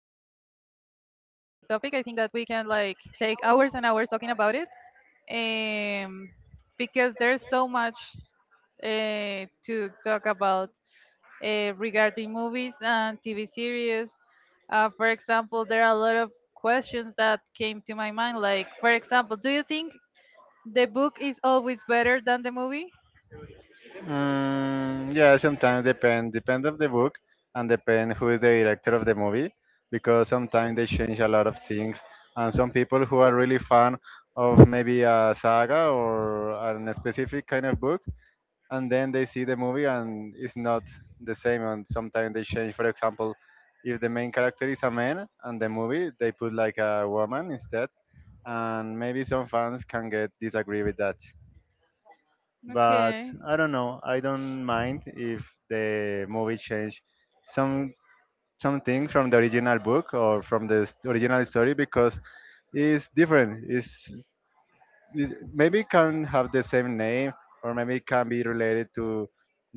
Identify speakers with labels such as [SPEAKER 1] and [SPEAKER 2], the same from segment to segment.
[SPEAKER 1] topic. I think that we can like take hours and hours talking about it, um, because there's so much to talk about regarding movies and TV series. For example, there are a lot of questions that came to my mind. Like, for example, do you think the book is always better than the movie?
[SPEAKER 2] Mm, yeah, sometimes depend of the book and depend who is the director of the movie because sometimes they change a lot of things and some people who are really fan of maybe a saga or a specific kind of book and then they see the movie and it's not the same and sometimes they change, for example, if the main character is a man and the movie they put like a woman instead, and maybe some fans can get disagree with that, but
[SPEAKER 1] Okay.
[SPEAKER 2] I don't know. I don't mind if the movie changed some something from the original book or from the original story because it's different. It's it, maybe it can have the same name, or maybe it can be related to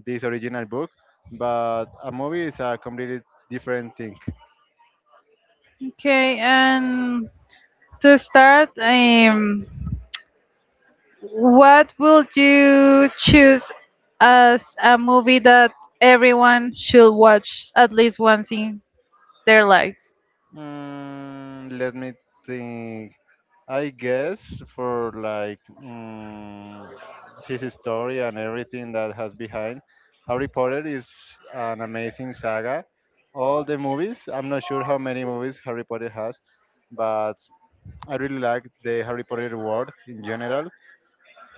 [SPEAKER 2] this original book, but a movie is a completely different thing.
[SPEAKER 1] Okay, and to start, what would you choose as a movie that everyone should watch at least once in their life?
[SPEAKER 2] Mm, let me think. I guess for like his story and everything that has behind. Harry Potter is an amazing saga. All the movies, I'm not sure how many movies Harry Potter has, but I really like the Harry Potter world in general.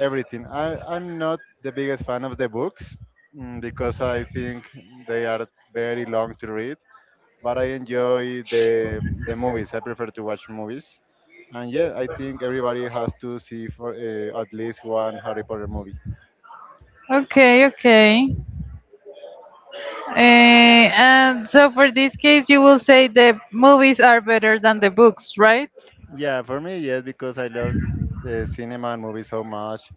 [SPEAKER 2] Everything. I'm not the biggest fan of the books, because I think they are very long to read, but I enjoy the movies. I prefer to watch movies, and yeah, I think everybody has to see for at least one Harry Potter movie.
[SPEAKER 1] Okay, okay. Uh, and so for this case, you will say the movies are better than the books, right?
[SPEAKER 2] Yeah, for me, yes, because I love the cinema and movies so much.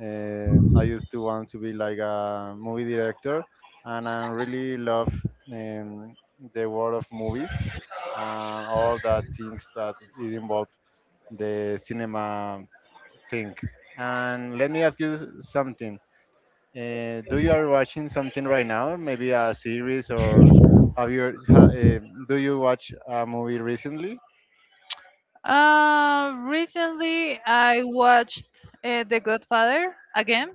[SPEAKER 2] I used to want to be like a movie director, and I really love, um, the world of movies and all the things that it involves the cinema thing. And let me ask you something. Do you are watching something right now? Maybe a series, or have you ha, uh, do you watch a movie recently?
[SPEAKER 1] Recently I watched The Godfather again.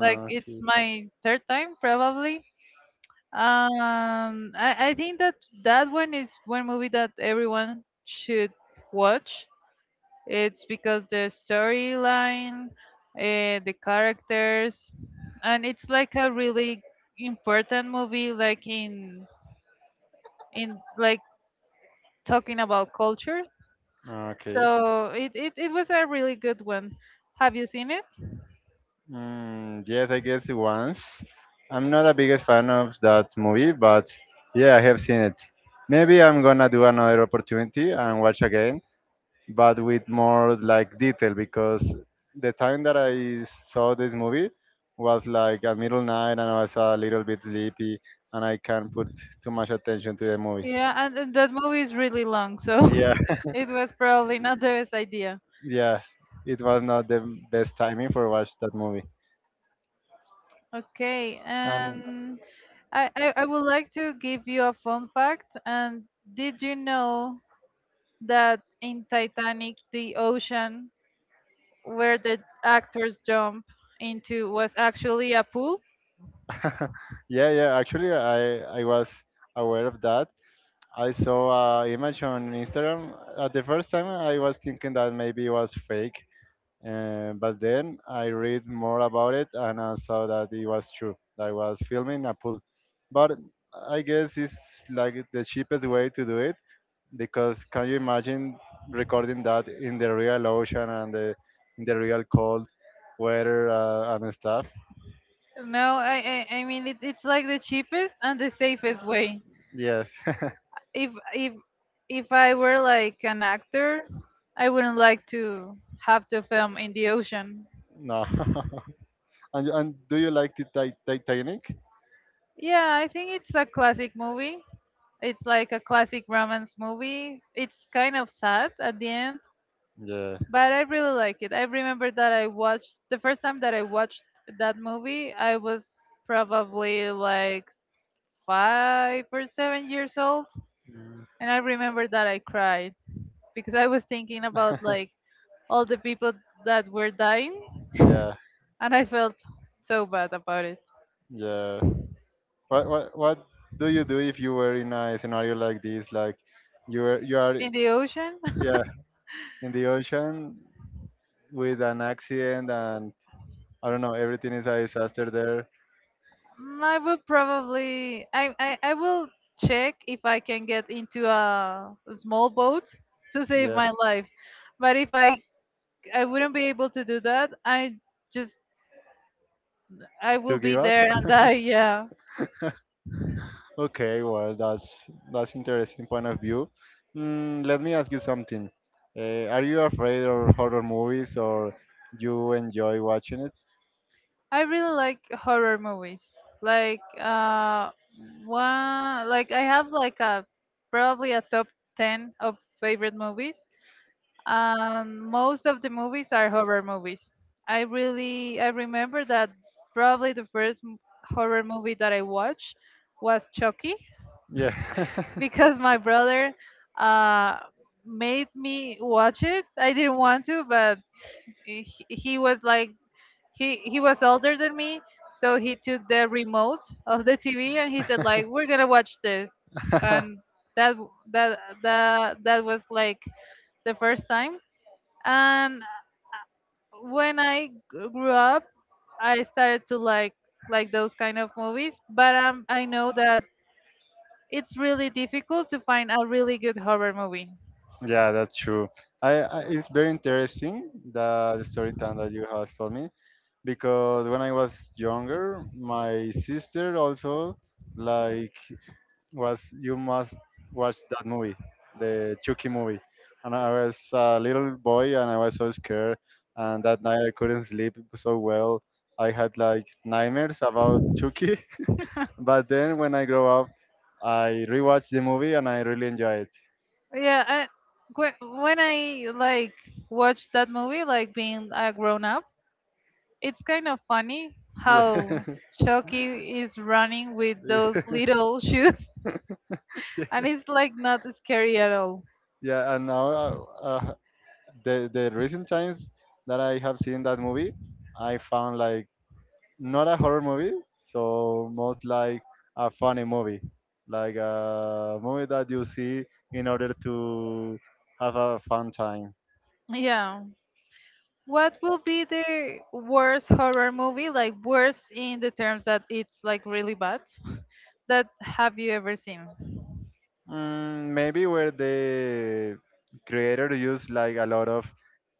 [SPEAKER 1] Like it's
[SPEAKER 2] Okay.
[SPEAKER 1] my third time probably. I think that that one is one movie that everyone should watch. It's because the storyline, the characters, and it's like a really important movie, like in like talking about culture.
[SPEAKER 2] Okay.
[SPEAKER 1] It was a really good one. Have you seen it?
[SPEAKER 2] Mm, yes, I guess once. I'm not a biggest fan of that movie, but yeah, I have seen it. Maybe I'm gonna do another opportunity and watch again, but with more like detail because the time that I saw this movie was like a middle night and I was a little bit sleepy and I can't put too much attention to the movie.
[SPEAKER 1] Yeah, and that movie is really long, so
[SPEAKER 2] Yeah.
[SPEAKER 1] it was probably not the best idea.
[SPEAKER 2] Yeah, it was not the best timing for watch that movie.
[SPEAKER 1] Okay,
[SPEAKER 2] And
[SPEAKER 1] and I would like to give you a fun fact. And did you know that in Titanic, the ocean where the actors jump into was actually a pool?
[SPEAKER 2] yeah, yeah, actually I was aware of that. I saw a image on Instagram. At the first time, I was thinking that maybe it was fake, and but then I read more about it and I saw that it was true. I was filming a pool. But I guess it's like the cheapest way to do it, because can you imagine recording that in the real ocean and the, in the real cold weather and stuff?
[SPEAKER 1] No, I mean, it, it's like the cheapest and the safest way.
[SPEAKER 2] Yes.
[SPEAKER 1] If if I were like an actor, I wouldn't like to have to film in the ocean.
[SPEAKER 2] No. And do you like the Titanic?
[SPEAKER 1] Yeah, I think it's a classic movie. It's like a classic romance movie. It's kind of sad at the end,
[SPEAKER 2] Yeah.
[SPEAKER 1] but I really like it. I remember that I watched the first time that I watched that movie, I was probably like 5 or 7 years old,
[SPEAKER 2] Mm.
[SPEAKER 1] and I remember that I cried, because I was thinking about like all the people that were dying
[SPEAKER 2] Yeah,
[SPEAKER 1] and I felt so bad about it.
[SPEAKER 2] yeah. What do you do if you were in a scenario like this? Like you are
[SPEAKER 1] In the ocean,
[SPEAKER 2] yeah, in the ocean with an accident, and I don't know, everything is a disaster there.
[SPEAKER 1] mm, I will probably I will check if I can get into a small boat to save
[SPEAKER 2] Yeah.
[SPEAKER 1] my life. But if I I wouldn't be able to do that, I just I
[SPEAKER 2] To
[SPEAKER 1] will be
[SPEAKER 2] give up?
[SPEAKER 1] there and die, yeah.
[SPEAKER 2] Okay, well, that's interesting point of view. Mm, let me ask you something. Are you afraid of horror movies, or you enjoy watching it?
[SPEAKER 1] I really like horror movies. Like one like I have like a probably a top 10 of favorite movies. Most of the movies are horror movies. I remember that probably the horror movie that I watched was Chucky
[SPEAKER 2] Yeah.
[SPEAKER 1] because my brother uh made me watch it. I didn't want to, but he, he was like he was older than me so he took the remote of the TV and he said like we're gonna watch this and that that was like the first time and when grew up I started to like those kind of movies but I know that it's really difficult to find a really good horror movie.
[SPEAKER 2] Yeah, that's true. I it's very interesting the story time that you have told me, because when I was younger, my sister also like was you must watch that movie, the Chucky movie, and I was a little boy and I was so scared, and that night I couldn't sleep so well. I had like nightmares about Chucky, but then when I grow up, I rewatched the movie and I really enjoy it.
[SPEAKER 1] Yeah, whe- when I like watched that movie like being a grown up it's kind of funny
[SPEAKER 2] Yeah.
[SPEAKER 1] how Chucky is running with
[SPEAKER 2] Yeah.
[SPEAKER 1] those little shoes and it's like not scary at all.
[SPEAKER 2] Yeah, and now uh, the recent times that I have seen that movie, I found like not a horror movie, so most like a funny movie, like a movie that you see in order to have a fun time.
[SPEAKER 1] Yeah. What will be the worst horror movie? Like worst in the terms that it's like really bad that have you ever seen?
[SPEAKER 2] Mm, maybe where the creator used like a lot of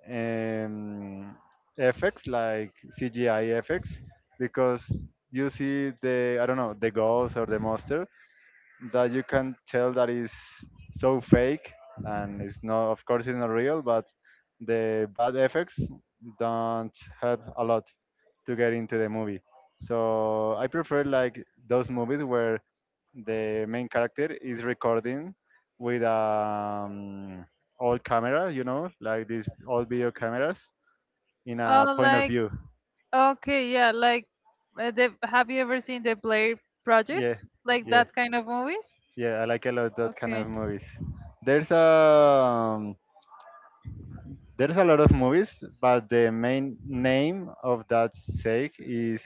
[SPEAKER 2] um, effects, like CGI effects, because you see the I don't know the ghost or the monster that you can tell that is so fake, and it's not, of course it's not real, but the bad effects don't help a lot to get into the movie, so I prefer like those movies where the main character is recording with old camera, you know, like these old video cameras, in a
[SPEAKER 1] Oh,
[SPEAKER 2] point of
[SPEAKER 1] like
[SPEAKER 2] view.
[SPEAKER 1] okay, yeah, like have you ever seen the Blair
[SPEAKER 2] Yeah,
[SPEAKER 1] Project? Like
[SPEAKER 2] yeah,
[SPEAKER 1] that kind of movies?
[SPEAKER 2] yeah, I like a lot that kind
[SPEAKER 1] Okay.
[SPEAKER 2] of movies. There's a, um, there's a lot of movies, but the main name of that sake is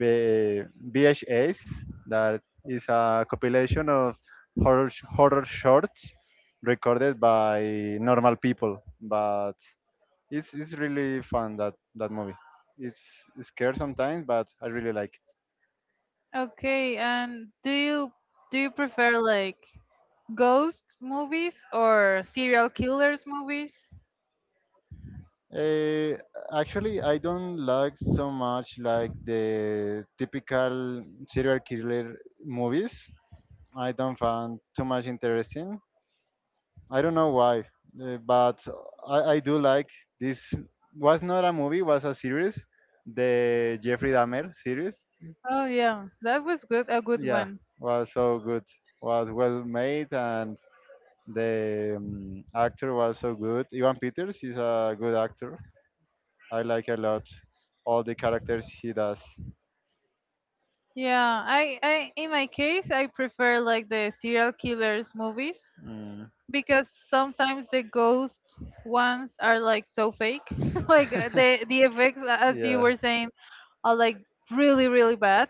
[SPEAKER 2] B- VHS. That is a compilation of horror horror shorts recorded by normal people. But it's really fun that that movie. It's scary sometimes, but I really like it.
[SPEAKER 1] Okay, and do you prefer like ghost movies or serial killers movies?
[SPEAKER 2] Eh, actually, I don't like so much like the typical serial killer movies. I don't find too much interesting. I don't know why, but I do like this. Was not a movie, was a series, the Jeffrey Dahmer series.
[SPEAKER 1] Oh yeah, that was good a good
[SPEAKER 2] Yeah,
[SPEAKER 1] one.
[SPEAKER 2] was so good. Was well made, and the, actor was so good. Ivan Peters is a good actor. I like a lot all the characters he does.
[SPEAKER 1] Yeah, I in my case I prefer like the serial killers movies
[SPEAKER 2] Mm.
[SPEAKER 1] because sometimes the ghost ones are like so fake. Like the effects as you
[SPEAKER 2] Yeah.
[SPEAKER 1] were saying are like really really bad.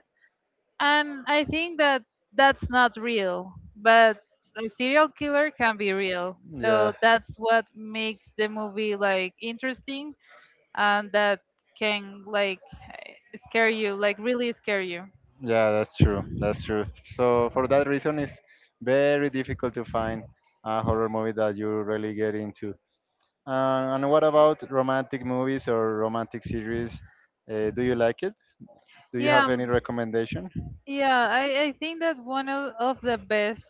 [SPEAKER 1] And I think that that's not real, but a serial killer can be real.
[SPEAKER 2] Yeah,
[SPEAKER 1] So that's what makes the movie like interesting and that can like scare you, like really scare you.
[SPEAKER 2] yeah, that's true. That's true. So for that reason, it's very difficult to find a horror movie that you really get into. And what about romantic movies or romantic series? Do you like it? Do you
[SPEAKER 1] Yeah,
[SPEAKER 2] have any recommendation?
[SPEAKER 1] yeah, I think that one of the best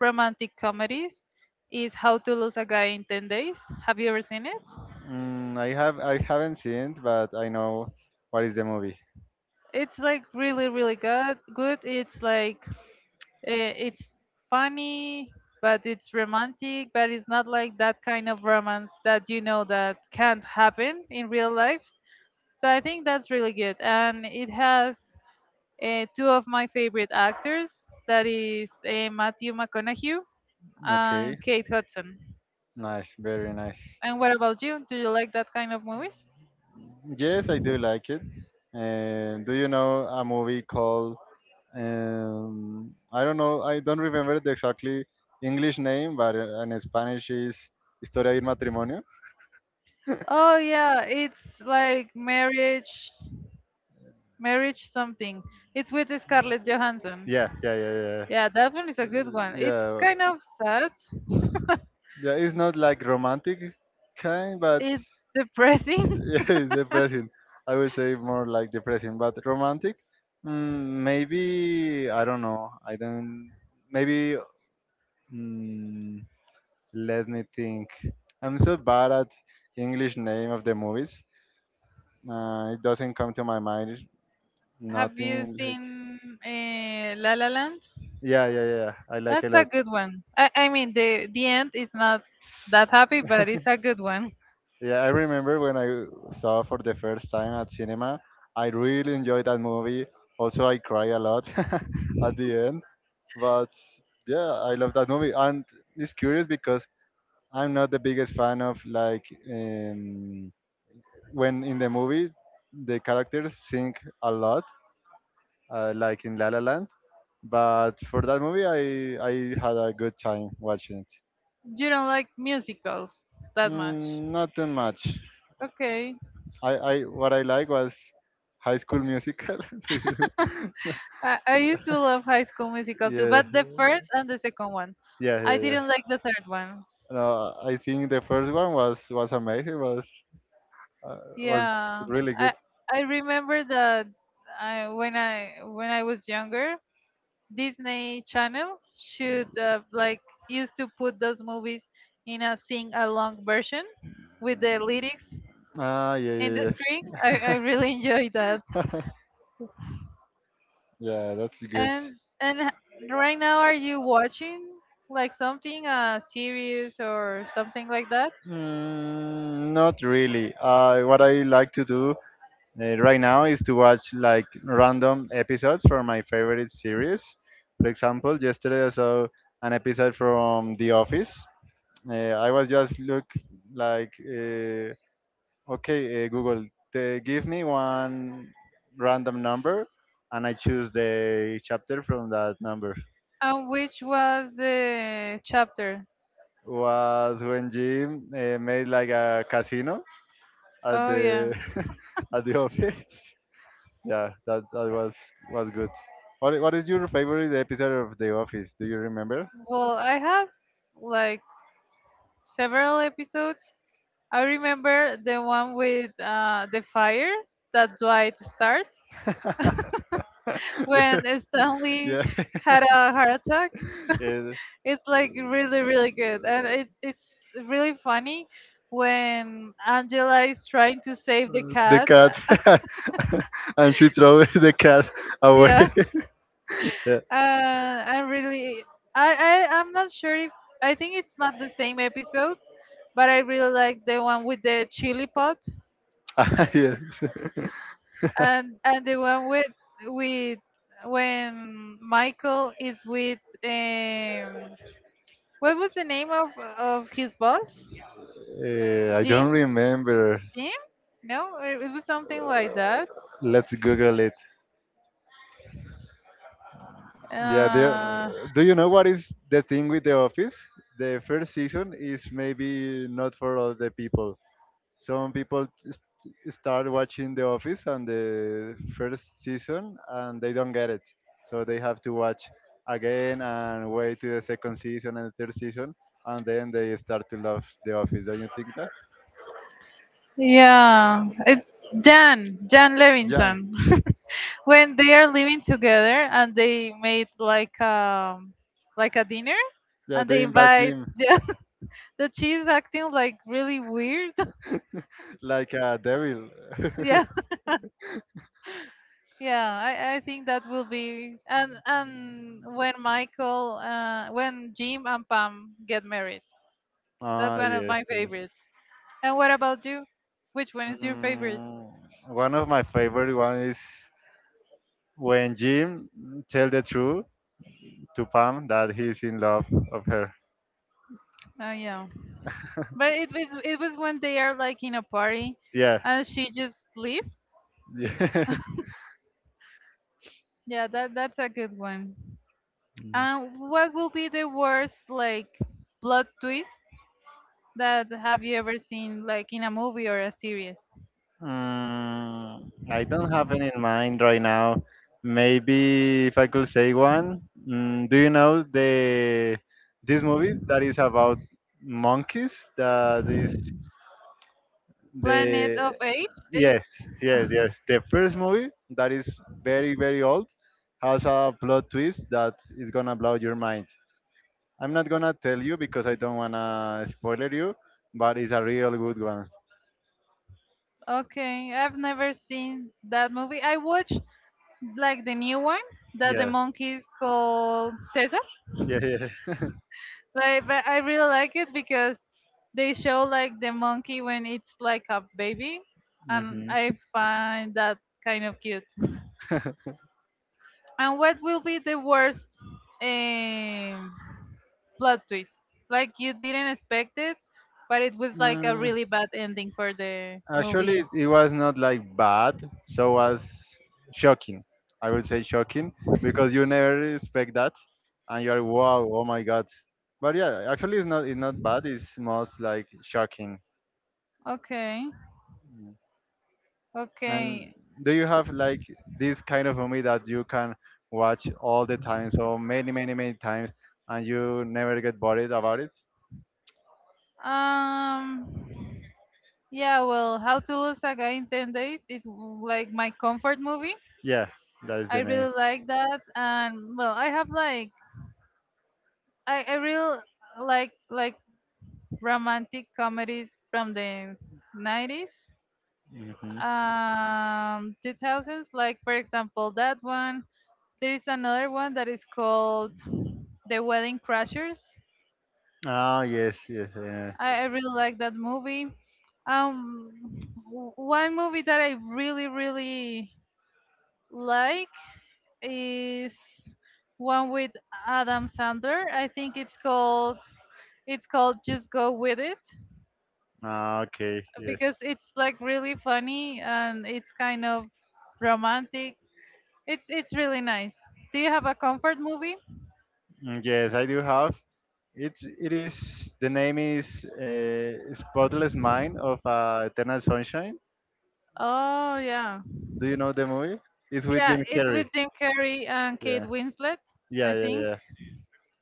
[SPEAKER 1] romantic comedies is How to Lose a Guy in 10 Days. Have you ever seen it?
[SPEAKER 2] Mm, I have. I haven't seen it, but I know what is the movie.
[SPEAKER 1] It's like really, really good. Good. It's like it's funny but it's romantic but it's not like that kind of romance that you know that can't happen in real life so I think that's really good and it has two of my favorite actors that is Matthew McConaughey and Kate Hudson.
[SPEAKER 2] Nice, very nice.
[SPEAKER 1] And what about you, do you like that kind of movies?
[SPEAKER 2] Yes, I do like it. And do you know a movie called, I don't know. I don't remember the exactly English name, but in Spanish is Historia del Matrimonio.
[SPEAKER 1] Oh yeah, it's like marriage something, it's with Scarlett Johansson.
[SPEAKER 2] Yeah, yeah, yeah, yeah, yeah.
[SPEAKER 1] Yeah, that one is a good one. It's
[SPEAKER 2] Yeah.
[SPEAKER 1] kind of sad.
[SPEAKER 2] Yeah, it's not like romantic kind, but
[SPEAKER 1] It's depressing.
[SPEAKER 2] yeah, it's depressing. I would say more like depressing, but romantic. Mm, maybe I don't know. I don't. Maybe mm, let me think. I'm so bad at English name of the movies, it doesn't come to my mind.
[SPEAKER 1] Have you
[SPEAKER 2] Nothing like
[SPEAKER 1] seen La La Land?
[SPEAKER 2] yeah, yeah, yeah, yeah. I like a
[SPEAKER 1] That's a
[SPEAKER 2] lot.
[SPEAKER 1] good one. I mean, the end is not that happy, but it's a good one.
[SPEAKER 2] Yeah, I remember when I saw for the first time at cinema. I really enjoyed that movie. Also, I cry a lot at the end. But yeah, I love that movie. And it's curious because I'm not the biggest fan of like, um, when in the movie the characters sing a lot, like in La La Land. But for that movie, I had a good time watching it.
[SPEAKER 1] You don't like musicals that much.
[SPEAKER 2] Mm, not too much.
[SPEAKER 1] Okay.
[SPEAKER 2] I what I like was High School Musical.
[SPEAKER 1] I used to love High School Musical too,
[SPEAKER 2] Yeah,
[SPEAKER 1] but the first and the second one.
[SPEAKER 2] yeah,
[SPEAKER 1] I
[SPEAKER 2] yeah, yeah.
[SPEAKER 1] didn't like the third one.
[SPEAKER 2] No, I think the first one was amazing. Was, uh, was
[SPEAKER 1] Yeah,
[SPEAKER 2] really good.
[SPEAKER 1] I I remember that when I was younger, Disney Channel should like used to put those movies in a sing along version with the lyrics
[SPEAKER 2] Ah, yeah,
[SPEAKER 1] in the
[SPEAKER 2] yeah,
[SPEAKER 1] screen. I
[SPEAKER 2] yes.
[SPEAKER 1] really enjoy that.
[SPEAKER 2] Yeah, that's good.
[SPEAKER 1] And and h- right now, are you watching like something a series or something like that?
[SPEAKER 2] Mm, not really. What I like to do right now is to watch like random episodes from my favorite series. For example, yesterday I saw an episode from The Office. I was just look like, okay, Google, give me one random number, and I choose the chapter from that number.
[SPEAKER 1] And which was the chapter?
[SPEAKER 2] Was when Jim made like a casino at
[SPEAKER 1] Oh yeah.
[SPEAKER 2] the at the office. Yeah, that that was good. What is your favorite episode of The Office? Do you remember?
[SPEAKER 1] Well, I have like several episodes. I remember the one with the fire that Dwight starts when
[SPEAKER 2] Yeah,
[SPEAKER 1] Stanley
[SPEAKER 2] yeah,
[SPEAKER 1] had a heart attack.
[SPEAKER 2] yeah.
[SPEAKER 1] It's like really, really good, and it's really funny when Angela is trying to save the
[SPEAKER 2] The
[SPEAKER 1] cat.
[SPEAKER 2] cat, and she throw the cat away.
[SPEAKER 1] Yeah,
[SPEAKER 2] Yeah.
[SPEAKER 1] am really, I I'm not sure if I think it's not the same episode, but I really like the one with the chili pot
[SPEAKER 2] Ah, yes.
[SPEAKER 1] and the one with when Michael is with um what was the name of his boss?
[SPEAKER 2] Eh, I don't
[SPEAKER 1] Jim?
[SPEAKER 2] remember.
[SPEAKER 1] Jim? No, it was something like that.
[SPEAKER 2] Let's Google it. Yeah, the,
[SPEAKER 1] Uh,
[SPEAKER 2] do you know what is the thing with The Office? The first season is maybe not for all the people. Some people just start watching The Office on the first season and they don't get it. So they have to watch again and wait to the second season and the third season, and then they start to love The Office. Don't you think that?
[SPEAKER 1] yeah, it's Jan, Jan
[SPEAKER 2] Jan.
[SPEAKER 1] Levinson. When they are living together and they made like a dinner
[SPEAKER 2] Yeah,
[SPEAKER 1] and they
[SPEAKER 2] they invite
[SPEAKER 1] invite
[SPEAKER 2] Jim
[SPEAKER 1] yeah, that she's acting like really weird.
[SPEAKER 2] like a devil.
[SPEAKER 1] Yeah, yeah, I think that will be and when Michael when Jim and Pam get married. That's
[SPEAKER 2] Ah,
[SPEAKER 1] one of
[SPEAKER 2] yes.
[SPEAKER 1] my
[SPEAKER 2] Yes.
[SPEAKER 1] favorites. And what about you? Which one is your favorite?
[SPEAKER 2] Mm, one of my favorite one is when Jim tell the truth to Pam that he's in love of her.
[SPEAKER 1] Oh yeah, but it was when they are like in a party,
[SPEAKER 2] Yeah.
[SPEAKER 1] and she just leave.
[SPEAKER 2] Yeah.
[SPEAKER 1] Yeah, that that's a good one. And what will be the worst like plot twist that have you ever seen like in a movie or a series?
[SPEAKER 2] Mm, I don't have any in mind right now. Maybe if I could say one. Mm, do you know the this movie that is about monkeys? That is. The
[SPEAKER 1] Planet of Apes.
[SPEAKER 2] Yes,
[SPEAKER 1] Apes.
[SPEAKER 2] yes, yes, the first movie, that is very very old, has a plot twist that is gonna blow your mind. I'm not gonna tell you because I don't wanna spoiler you, but it's a real good one.
[SPEAKER 1] Okay, I've never seen that movie. I watched like the new one that the
[SPEAKER 2] Yeah,
[SPEAKER 1] monkeys called Cesar.
[SPEAKER 2] yeah, yeah.
[SPEAKER 1] Like, but I really like it because they show like the monkey when it's like a baby, and
[SPEAKER 2] Hmm.
[SPEAKER 1] I find that kind of cute. And what will be the worst um, plot twist? Like you didn't expect it, but it was like a
[SPEAKER 2] Mm,
[SPEAKER 1] really bad ending for the
[SPEAKER 2] Actually,
[SPEAKER 1] movie.
[SPEAKER 2] it was not like bad, so was shocking. I will say shocking because you never expect that, and you're wow, oh my God. But yeah, actually, it's not bad. It's most like shocking.
[SPEAKER 1] Okay,
[SPEAKER 2] And
[SPEAKER 1] okay.
[SPEAKER 2] do you have like this kind of movie that you can watch all the time, so many, many, many times, and you never get bored about it?
[SPEAKER 1] Um, yeah. Well, How to Lose a Guy in 10 Days is like my comfort movie.
[SPEAKER 2] Yeah, that is
[SPEAKER 1] I
[SPEAKER 2] the name.
[SPEAKER 1] really like that, and well, I have like I really like romantic comedies from the 90s,
[SPEAKER 2] Hmm.
[SPEAKER 1] two thousands. Like for example, that one. There is another one that is called The Wedding Crashers.
[SPEAKER 2] Ah, yes, yes, yeah.
[SPEAKER 1] I really like that movie. Um, One movie that I really really like is one with Adam Sandler. I think it's called Just Go With It
[SPEAKER 2] Ah, okay, yes.
[SPEAKER 1] because it's like really funny and it's kind of romantic. It's really nice. Do you have a comfort movie?
[SPEAKER 2] Yes, I do have. It is the name is Spotless Mind of Eternal Sunshine.
[SPEAKER 1] Oh yeah.
[SPEAKER 2] Do you know the movie? It's with Jim
[SPEAKER 1] Yeah, it's
[SPEAKER 2] Carrey.
[SPEAKER 1] with Jim Carrey and Kate
[SPEAKER 2] Yeah,
[SPEAKER 1] Winslet,
[SPEAKER 2] yeah,
[SPEAKER 1] I
[SPEAKER 2] yeah,
[SPEAKER 1] think.
[SPEAKER 2] yeah.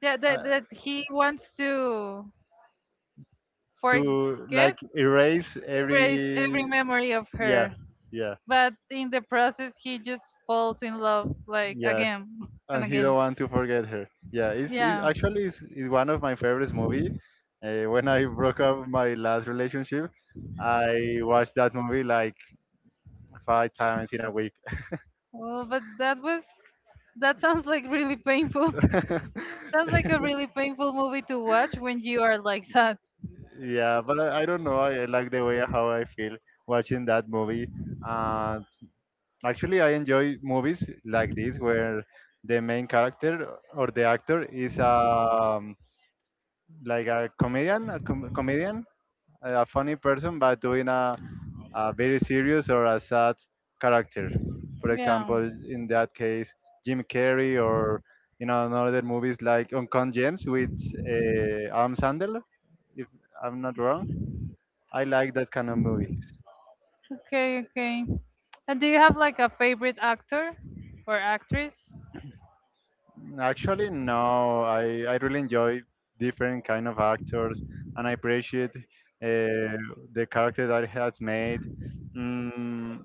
[SPEAKER 1] Yeah, that
[SPEAKER 2] Uh,
[SPEAKER 1] that he wants to
[SPEAKER 2] to
[SPEAKER 1] forget,
[SPEAKER 2] like erase
[SPEAKER 1] erase every
[SPEAKER 2] every,
[SPEAKER 1] memory of
[SPEAKER 2] yeah,
[SPEAKER 1] her.
[SPEAKER 2] yeah,
[SPEAKER 1] But in the process he just falls in love like
[SPEAKER 2] yeah,
[SPEAKER 1] again and
[SPEAKER 2] and he
[SPEAKER 1] again.
[SPEAKER 2] don't want to forget her. Yeah, it
[SPEAKER 1] Yeah.
[SPEAKER 2] actually is one of my favorite movie. When I broke up my last relationship, I watched that movie like 5 times in a week.
[SPEAKER 1] Well, but that was that sounds like really painful. Sounds like a really painful movie to watch when you are like that.
[SPEAKER 2] Yeah, but I don't know. I like the way how I feel watching that movie. Uh, Actually, I enjoy movies like this where the main character or the actor is like a comedian, comedian, a funny person, but doing a very serious or a sad character. For
[SPEAKER 1] Yeah.
[SPEAKER 2] example, in that case, Jim Carrey or another movies like Uncut Gems with Adam Sandler, if I'm not wrong. I like that kind of movies.
[SPEAKER 1] Okay, okay. And do you have like a favorite actor or actress?
[SPEAKER 2] Actually, no, I really enjoy different kind of actors, and I appreciate the character that he has made. Mm,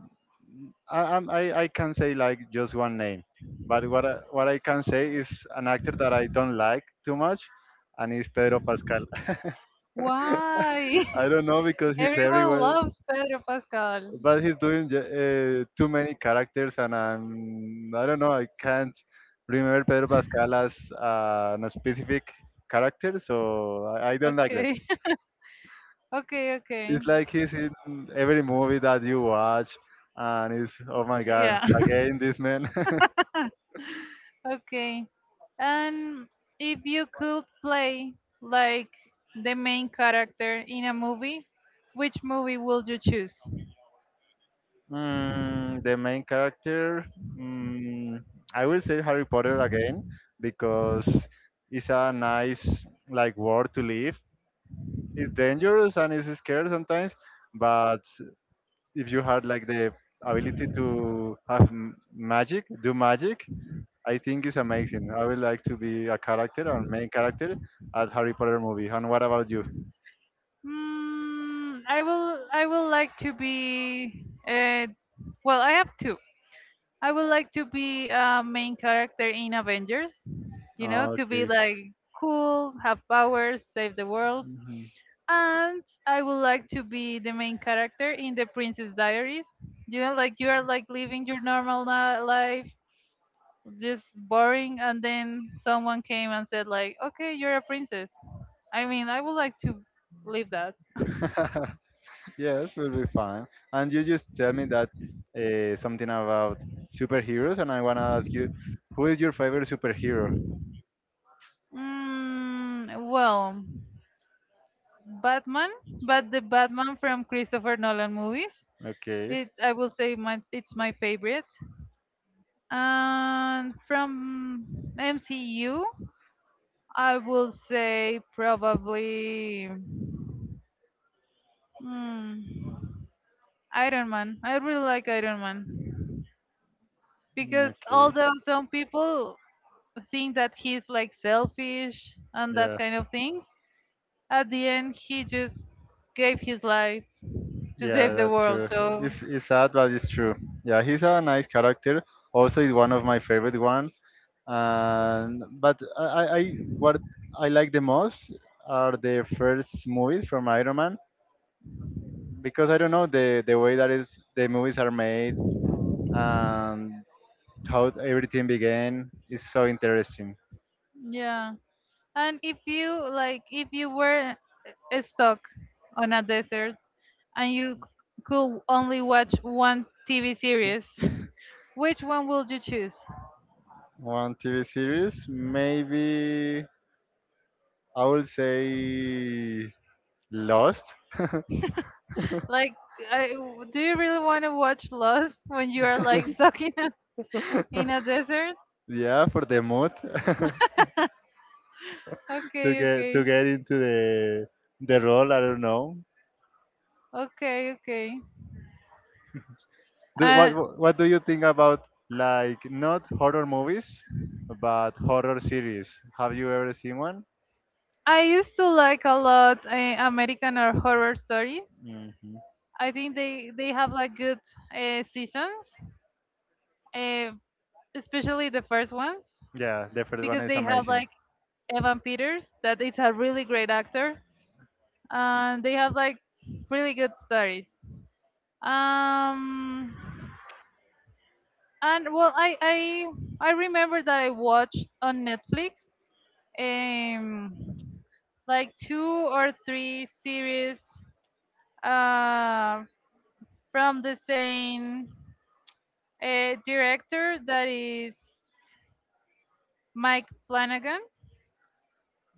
[SPEAKER 2] I, I'm- I can say like just one name, but what I can say is an actor that I don't like too much, and it's Pedro Pascal.
[SPEAKER 1] Why?
[SPEAKER 2] I don't know because he's
[SPEAKER 1] Everyone
[SPEAKER 2] everywhere,
[SPEAKER 1] loves Pedro Pascal.
[SPEAKER 2] but he's doing too many characters, and I don't know, I can't remember Pedro Pascal as a specific character, so I don't like that.
[SPEAKER 1] Okay. Okay, okay.
[SPEAKER 2] It's like he's in every movie that you watch, and it's oh my God,
[SPEAKER 1] Yeah.
[SPEAKER 2] again this man.
[SPEAKER 1] Okay. And if you could play like the main character in a movie, which movie would you choose?
[SPEAKER 2] The main character, mm, I will say Harry Potter again because it's a nice like world to live. It's dangerous and it's scary sometimes, but if you had like the ability to have magic, do magic, I think it's amazing. I would like to be a character or main character at Harry Potter movie. And what about you?
[SPEAKER 1] Hmm. I will. I will like to be. Well, I have two. I would like to be a main character in Avengers. You know, to be
[SPEAKER 2] Okay.
[SPEAKER 1] like cool, have powers, save the world.
[SPEAKER 2] Mhm.
[SPEAKER 1] And I would like to be the main character in the Princess Diaries. You know, like you are like living your life, just boring, and then someone came and said like, "Okay, you're a princess." I mean, I would like to live that.
[SPEAKER 2] Yes, will be fine. And you just tell me that something about superheroes, and I wanna ask you, who is your favorite superhero?
[SPEAKER 1] Mm, well, Batman, but the Batman from Christopher Nolan movies.
[SPEAKER 2] Okay.
[SPEAKER 1] I will say it's my favorite. And from MCU, I will say probably mm, Iron Man. I really like Iron Man because,
[SPEAKER 2] Okay.
[SPEAKER 1] although some people think that he's like selfish and that
[SPEAKER 2] Yeah.
[SPEAKER 1] kind of things, at the end he just gave his life to
[SPEAKER 2] Yeah,
[SPEAKER 1] save the
[SPEAKER 2] that's
[SPEAKER 1] world.
[SPEAKER 2] true.
[SPEAKER 1] So
[SPEAKER 2] It's sad, but it's true. Yeah, he's a nice character. Also, is one of my favorite one. And but what I like the most are the first movies from Iron Man because I don't know the way that is the movies are made and how everything began is so interesting.
[SPEAKER 1] yeah. And if you like if you were stuck on a desert and could only watch one TV series, which one would you choose?
[SPEAKER 2] One TV series, maybe I will say Lost.
[SPEAKER 1] Like I, do you really want to watch Lost when you are like stuck in a desert?
[SPEAKER 2] Yeah, for the mood. to
[SPEAKER 1] Okay,
[SPEAKER 2] get to
[SPEAKER 1] okay.
[SPEAKER 2] get into the role. I don't know.
[SPEAKER 1] Okay, okay.
[SPEAKER 2] What
[SPEAKER 1] Uh,
[SPEAKER 2] what what do you think about like not horror movies, but horror series? Have you ever seen one?
[SPEAKER 1] I used to like a lot American or horror stories.
[SPEAKER 2] Hmm.
[SPEAKER 1] I think they have like good seasons. Uh, especially the first ones,
[SPEAKER 2] Yeah, the first one
[SPEAKER 1] because
[SPEAKER 2] is
[SPEAKER 1] they have
[SPEAKER 2] amazing.
[SPEAKER 1] like Evan Peters, that is a really great actor, and they have like really good stories. Um, and well, I remember that I watched on Netflix, um, like two or three series, uh, from the same director that is Mike Flanagan,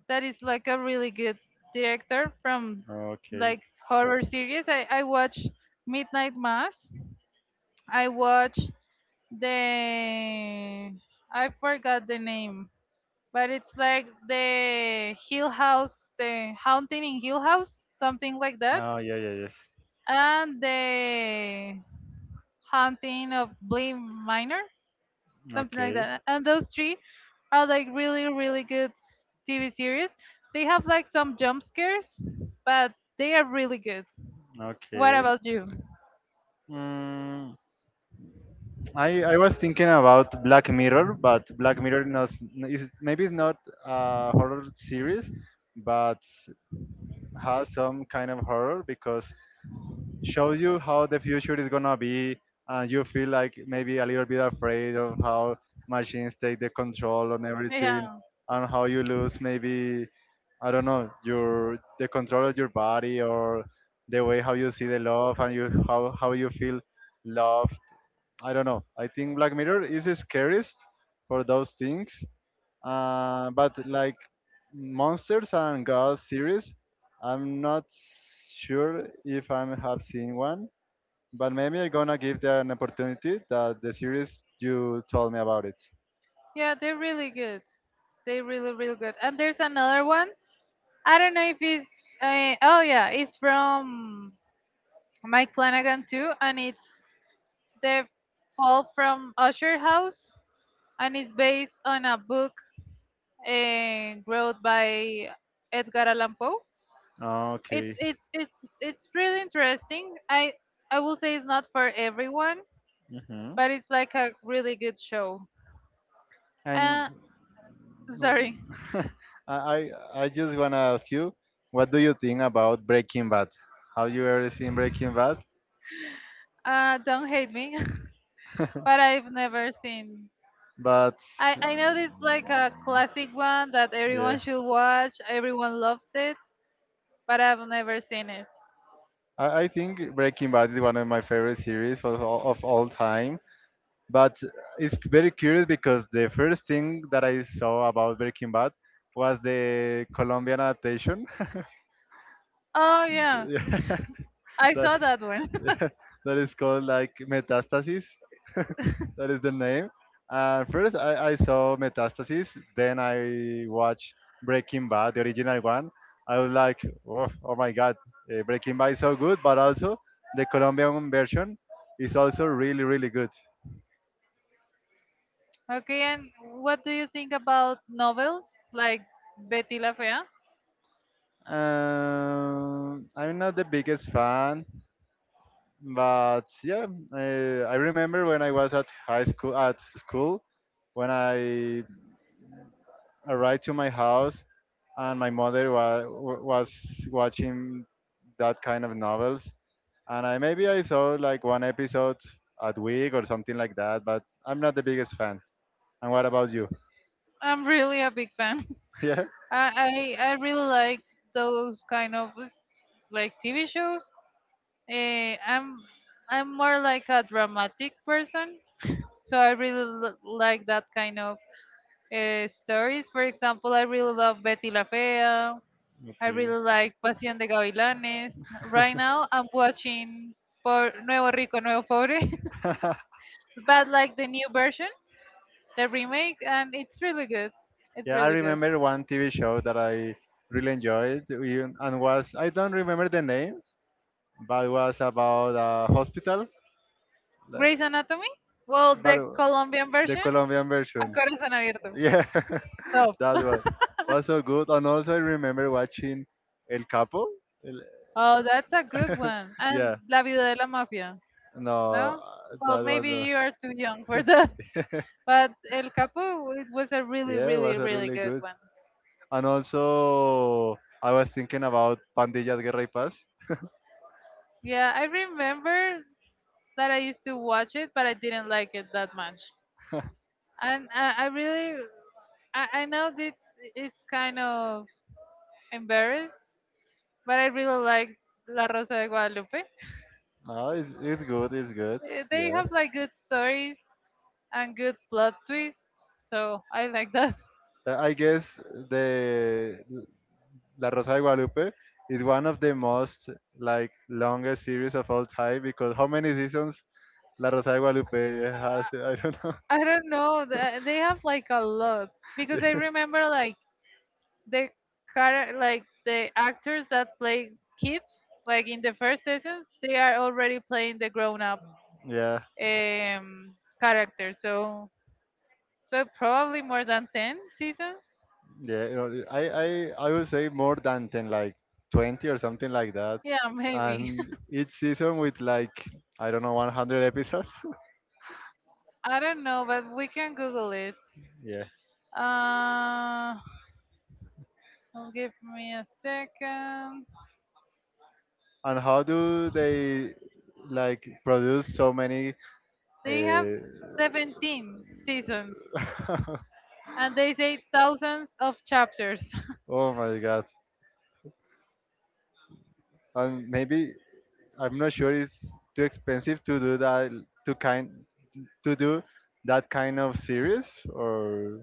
[SPEAKER 1] that is like a really good director from
[SPEAKER 2] Okay.
[SPEAKER 1] like horror series. I watched Midnight Mass. I watched the I forgot the name, but it's like the Hill House, the Haunting in Hill House, something like that,
[SPEAKER 2] Oh, yeah, yeah, yes.
[SPEAKER 1] and the Haunting of Bly Manor. Something like
[SPEAKER 2] Okay,
[SPEAKER 1] that. And those three are like really, really TV series. They have like some jump scares, but they are really good. What
[SPEAKER 2] okay.
[SPEAKER 1] about you?
[SPEAKER 2] Mm, I was thinking about Black Mirror, but Black Mirror knows, is maybe it's not a horror series, but has some kind of horror because shows you how the future is gonna be, and you feel like maybe a little bit afraid of how machines take the control on
[SPEAKER 1] Yeah.
[SPEAKER 2] everything, and how you lose maybe I don't know your the control of your body or the way how you see the love and you how you feel loved. I don't know. I think Black Mirror is the scariest for those things, but like monsters and ghost series, I'm not sure if I have seen one, but maybe I'm gonna give that an opportunity. That the series you told me about it.
[SPEAKER 1] Yeah, they're really good. They're really, really good. And there's another one. I don't know if it's. Oh yeah, it's from Mike Flanagan too, and it's the Fall from Usher House, and it's based on a book wrote by Edgar Allan Poe. It's
[SPEAKER 2] Okay.
[SPEAKER 1] it's it's it's really interesting. I will say it's not for everyone,
[SPEAKER 2] Hmm.
[SPEAKER 1] but it's like a really good show.
[SPEAKER 2] And
[SPEAKER 1] Uh, sorry.
[SPEAKER 2] uh, I I I just wanna ask you, what do you think about Breaking Bad? Have you ever seen Breaking Bad?
[SPEAKER 1] Don't hate me. But I've never seen.
[SPEAKER 2] But
[SPEAKER 1] I know it's like a classic one that
[SPEAKER 2] yeah.
[SPEAKER 1] everyone should watch, everyone loves it, but I've never seen it.
[SPEAKER 2] I think Breaking Bad is one of my favorite series of all time. But it's very curious because the first thing that I saw about Breaking Bad was the Colombian adaptation.
[SPEAKER 1] Oh, yeah,
[SPEAKER 2] Yeah,
[SPEAKER 1] I
[SPEAKER 2] that.
[SPEAKER 1] saw that one.
[SPEAKER 2] That is called like Metastasis. That is the name. First, I saw Metastasis. Then I watched Breaking Bad, the original one. I was like, oh, oh my God, Breaking Bad is so good, but also the Colombian version is also really, really good.
[SPEAKER 1] Okay, and what do you think about novels like Betty La Fea?
[SPEAKER 2] I'm not the biggest fan, but yeah, I remember when I was at high school, at school, when I arrived to my house, and my mother was watching that kind of novels, and I maybe I saw like one episode a week or something like that. But I'm not the biggest fan. And what about you?
[SPEAKER 1] I'm really a big fan.
[SPEAKER 2] Yeah,
[SPEAKER 1] I really like those kind of like TV shows. Eh, I'm more like a dramatic person, so I really like that kind of stories. For example, I really love Betty La Fea. I
[SPEAKER 2] okay.
[SPEAKER 1] really like Pasión de Gavilanes. Right now, I'm watching por Nuevo Rico, Nuevo Pobre, but like the new version, the remake, and it's really good. It's
[SPEAKER 2] Yeah, I
[SPEAKER 1] really good.
[SPEAKER 2] remember one TV show that I really enjoyed, and was I don't remember the name, but it was about a hospital, like,
[SPEAKER 1] Grey's Anatomy? Well,
[SPEAKER 2] but
[SPEAKER 1] the Colombian
[SPEAKER 2] the
[SPEAKER 1] version,
[SPEAKER 2] Colombian
[SPEAKER 1] A
[SPEAKER 2] version.
[SPEAKER 1] Corazón Abierto.
[SPEAKER 2] Yeah,
[SPEAKER 1] Top.
[SPEAKER 2] that one was so good. And also, I remember watching El Capo. El-
[SPEAKER 1] Oh, that's a good one.
[SPEAKER 2] yeah,
[SPEAKER 1] And La Vida de la Mafia.
[SPEAKER 2] no,
[SPEAKER 1] No? Well,
[SPEAKER 2] that was
[SPEAKER 1] maybe
[SPEAKER 2] No.
[SPEAKER 1] you are too young for that. But El Capo, it was a really,
[SPEAKER 2] Yeah, it
[SPEAKER 1] really,
[SPEAKER 2] was
[SPEAKER 1] really
[SPEAKER 2] really
[SPEAKER 1] good
[SPEAKER 2] good.
[SPEAKER 1] one.
[SPEAKER 2] And also, I was thinking about Pandillas Guerra y Paz.
[SPEAKER 1] Yeah, I remember that I used to watch it, but I didn't like it that much. And I know this it's kind of embarrassed, but I really like La Rosa de Guadalupe.
[SPEAKER 2] No, it's good, it's good.
[SPEAKER 1] Eh, they
[SPEAKER 2] Yeah.
[SPEAKER 1] have like good stories and good plot twists, so I like that.
[SPEAKER 2] I guess the La Rosa de Guadalupe is one of the most like longest series of all time because how many seasons La Rosa de Guadalupe has? I don't know.
[SPEAKER 1] I don't know. They have like a lot because I remember like the like the actors that play kids, like in the first seasons, they are already playing the grown-up
[SPEAKER 2] Yeah, yeah.
[SPEAKER 1] um character. So, so probably more than 10 seasons.
[SPEAKER 2] Yeah. I would say more than 10, like 20 or something like that.
[SPEAKER 1] Yeah, maybe.
[SPEAKER 2] And each season with like I don't know, 100 episodes.
[SPEAKER 1] I don't know, but we can Google it.
[SPEAKER 2] Yeah.
[SPEAKER 1] Uh, give me a second.
[SPEAKER 2] And how do they like produce so many?
[SPEAKER 1] They have
[SPEAKER 2] Uh,
[SPEAKER 1] 17 seasons. And they say thousands of chapters.
[SPEAKER 2] oh my God! And maybe I'm not sure it's too expensive to do that to kind to do that kind of series, or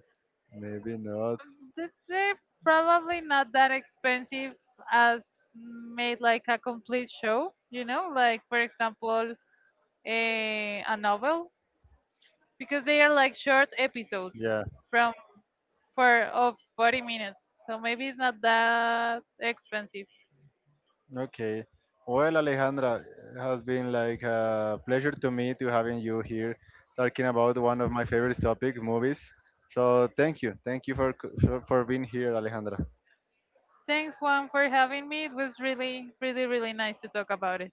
[SPEAKER 2] maybe not.
[SPEAKER 1] They're probably not that expensive as made like a complete show, you know, like for example, a novel, because they are like short episodes
[SPEAKER 2] Yeah.
[SPEAKER 1] from for of 40 minutes. So maybe it's not that expensive.
[SPEAKER 2] Okay. Well, Alejandra, it has been like a pleasure to me to having you here talking about one of my favorite topic, movies. So thank you for being here, Alejandra.
[SPEAKER 1] Thanks Juan for having me. It was really, really, really nice to talk about it.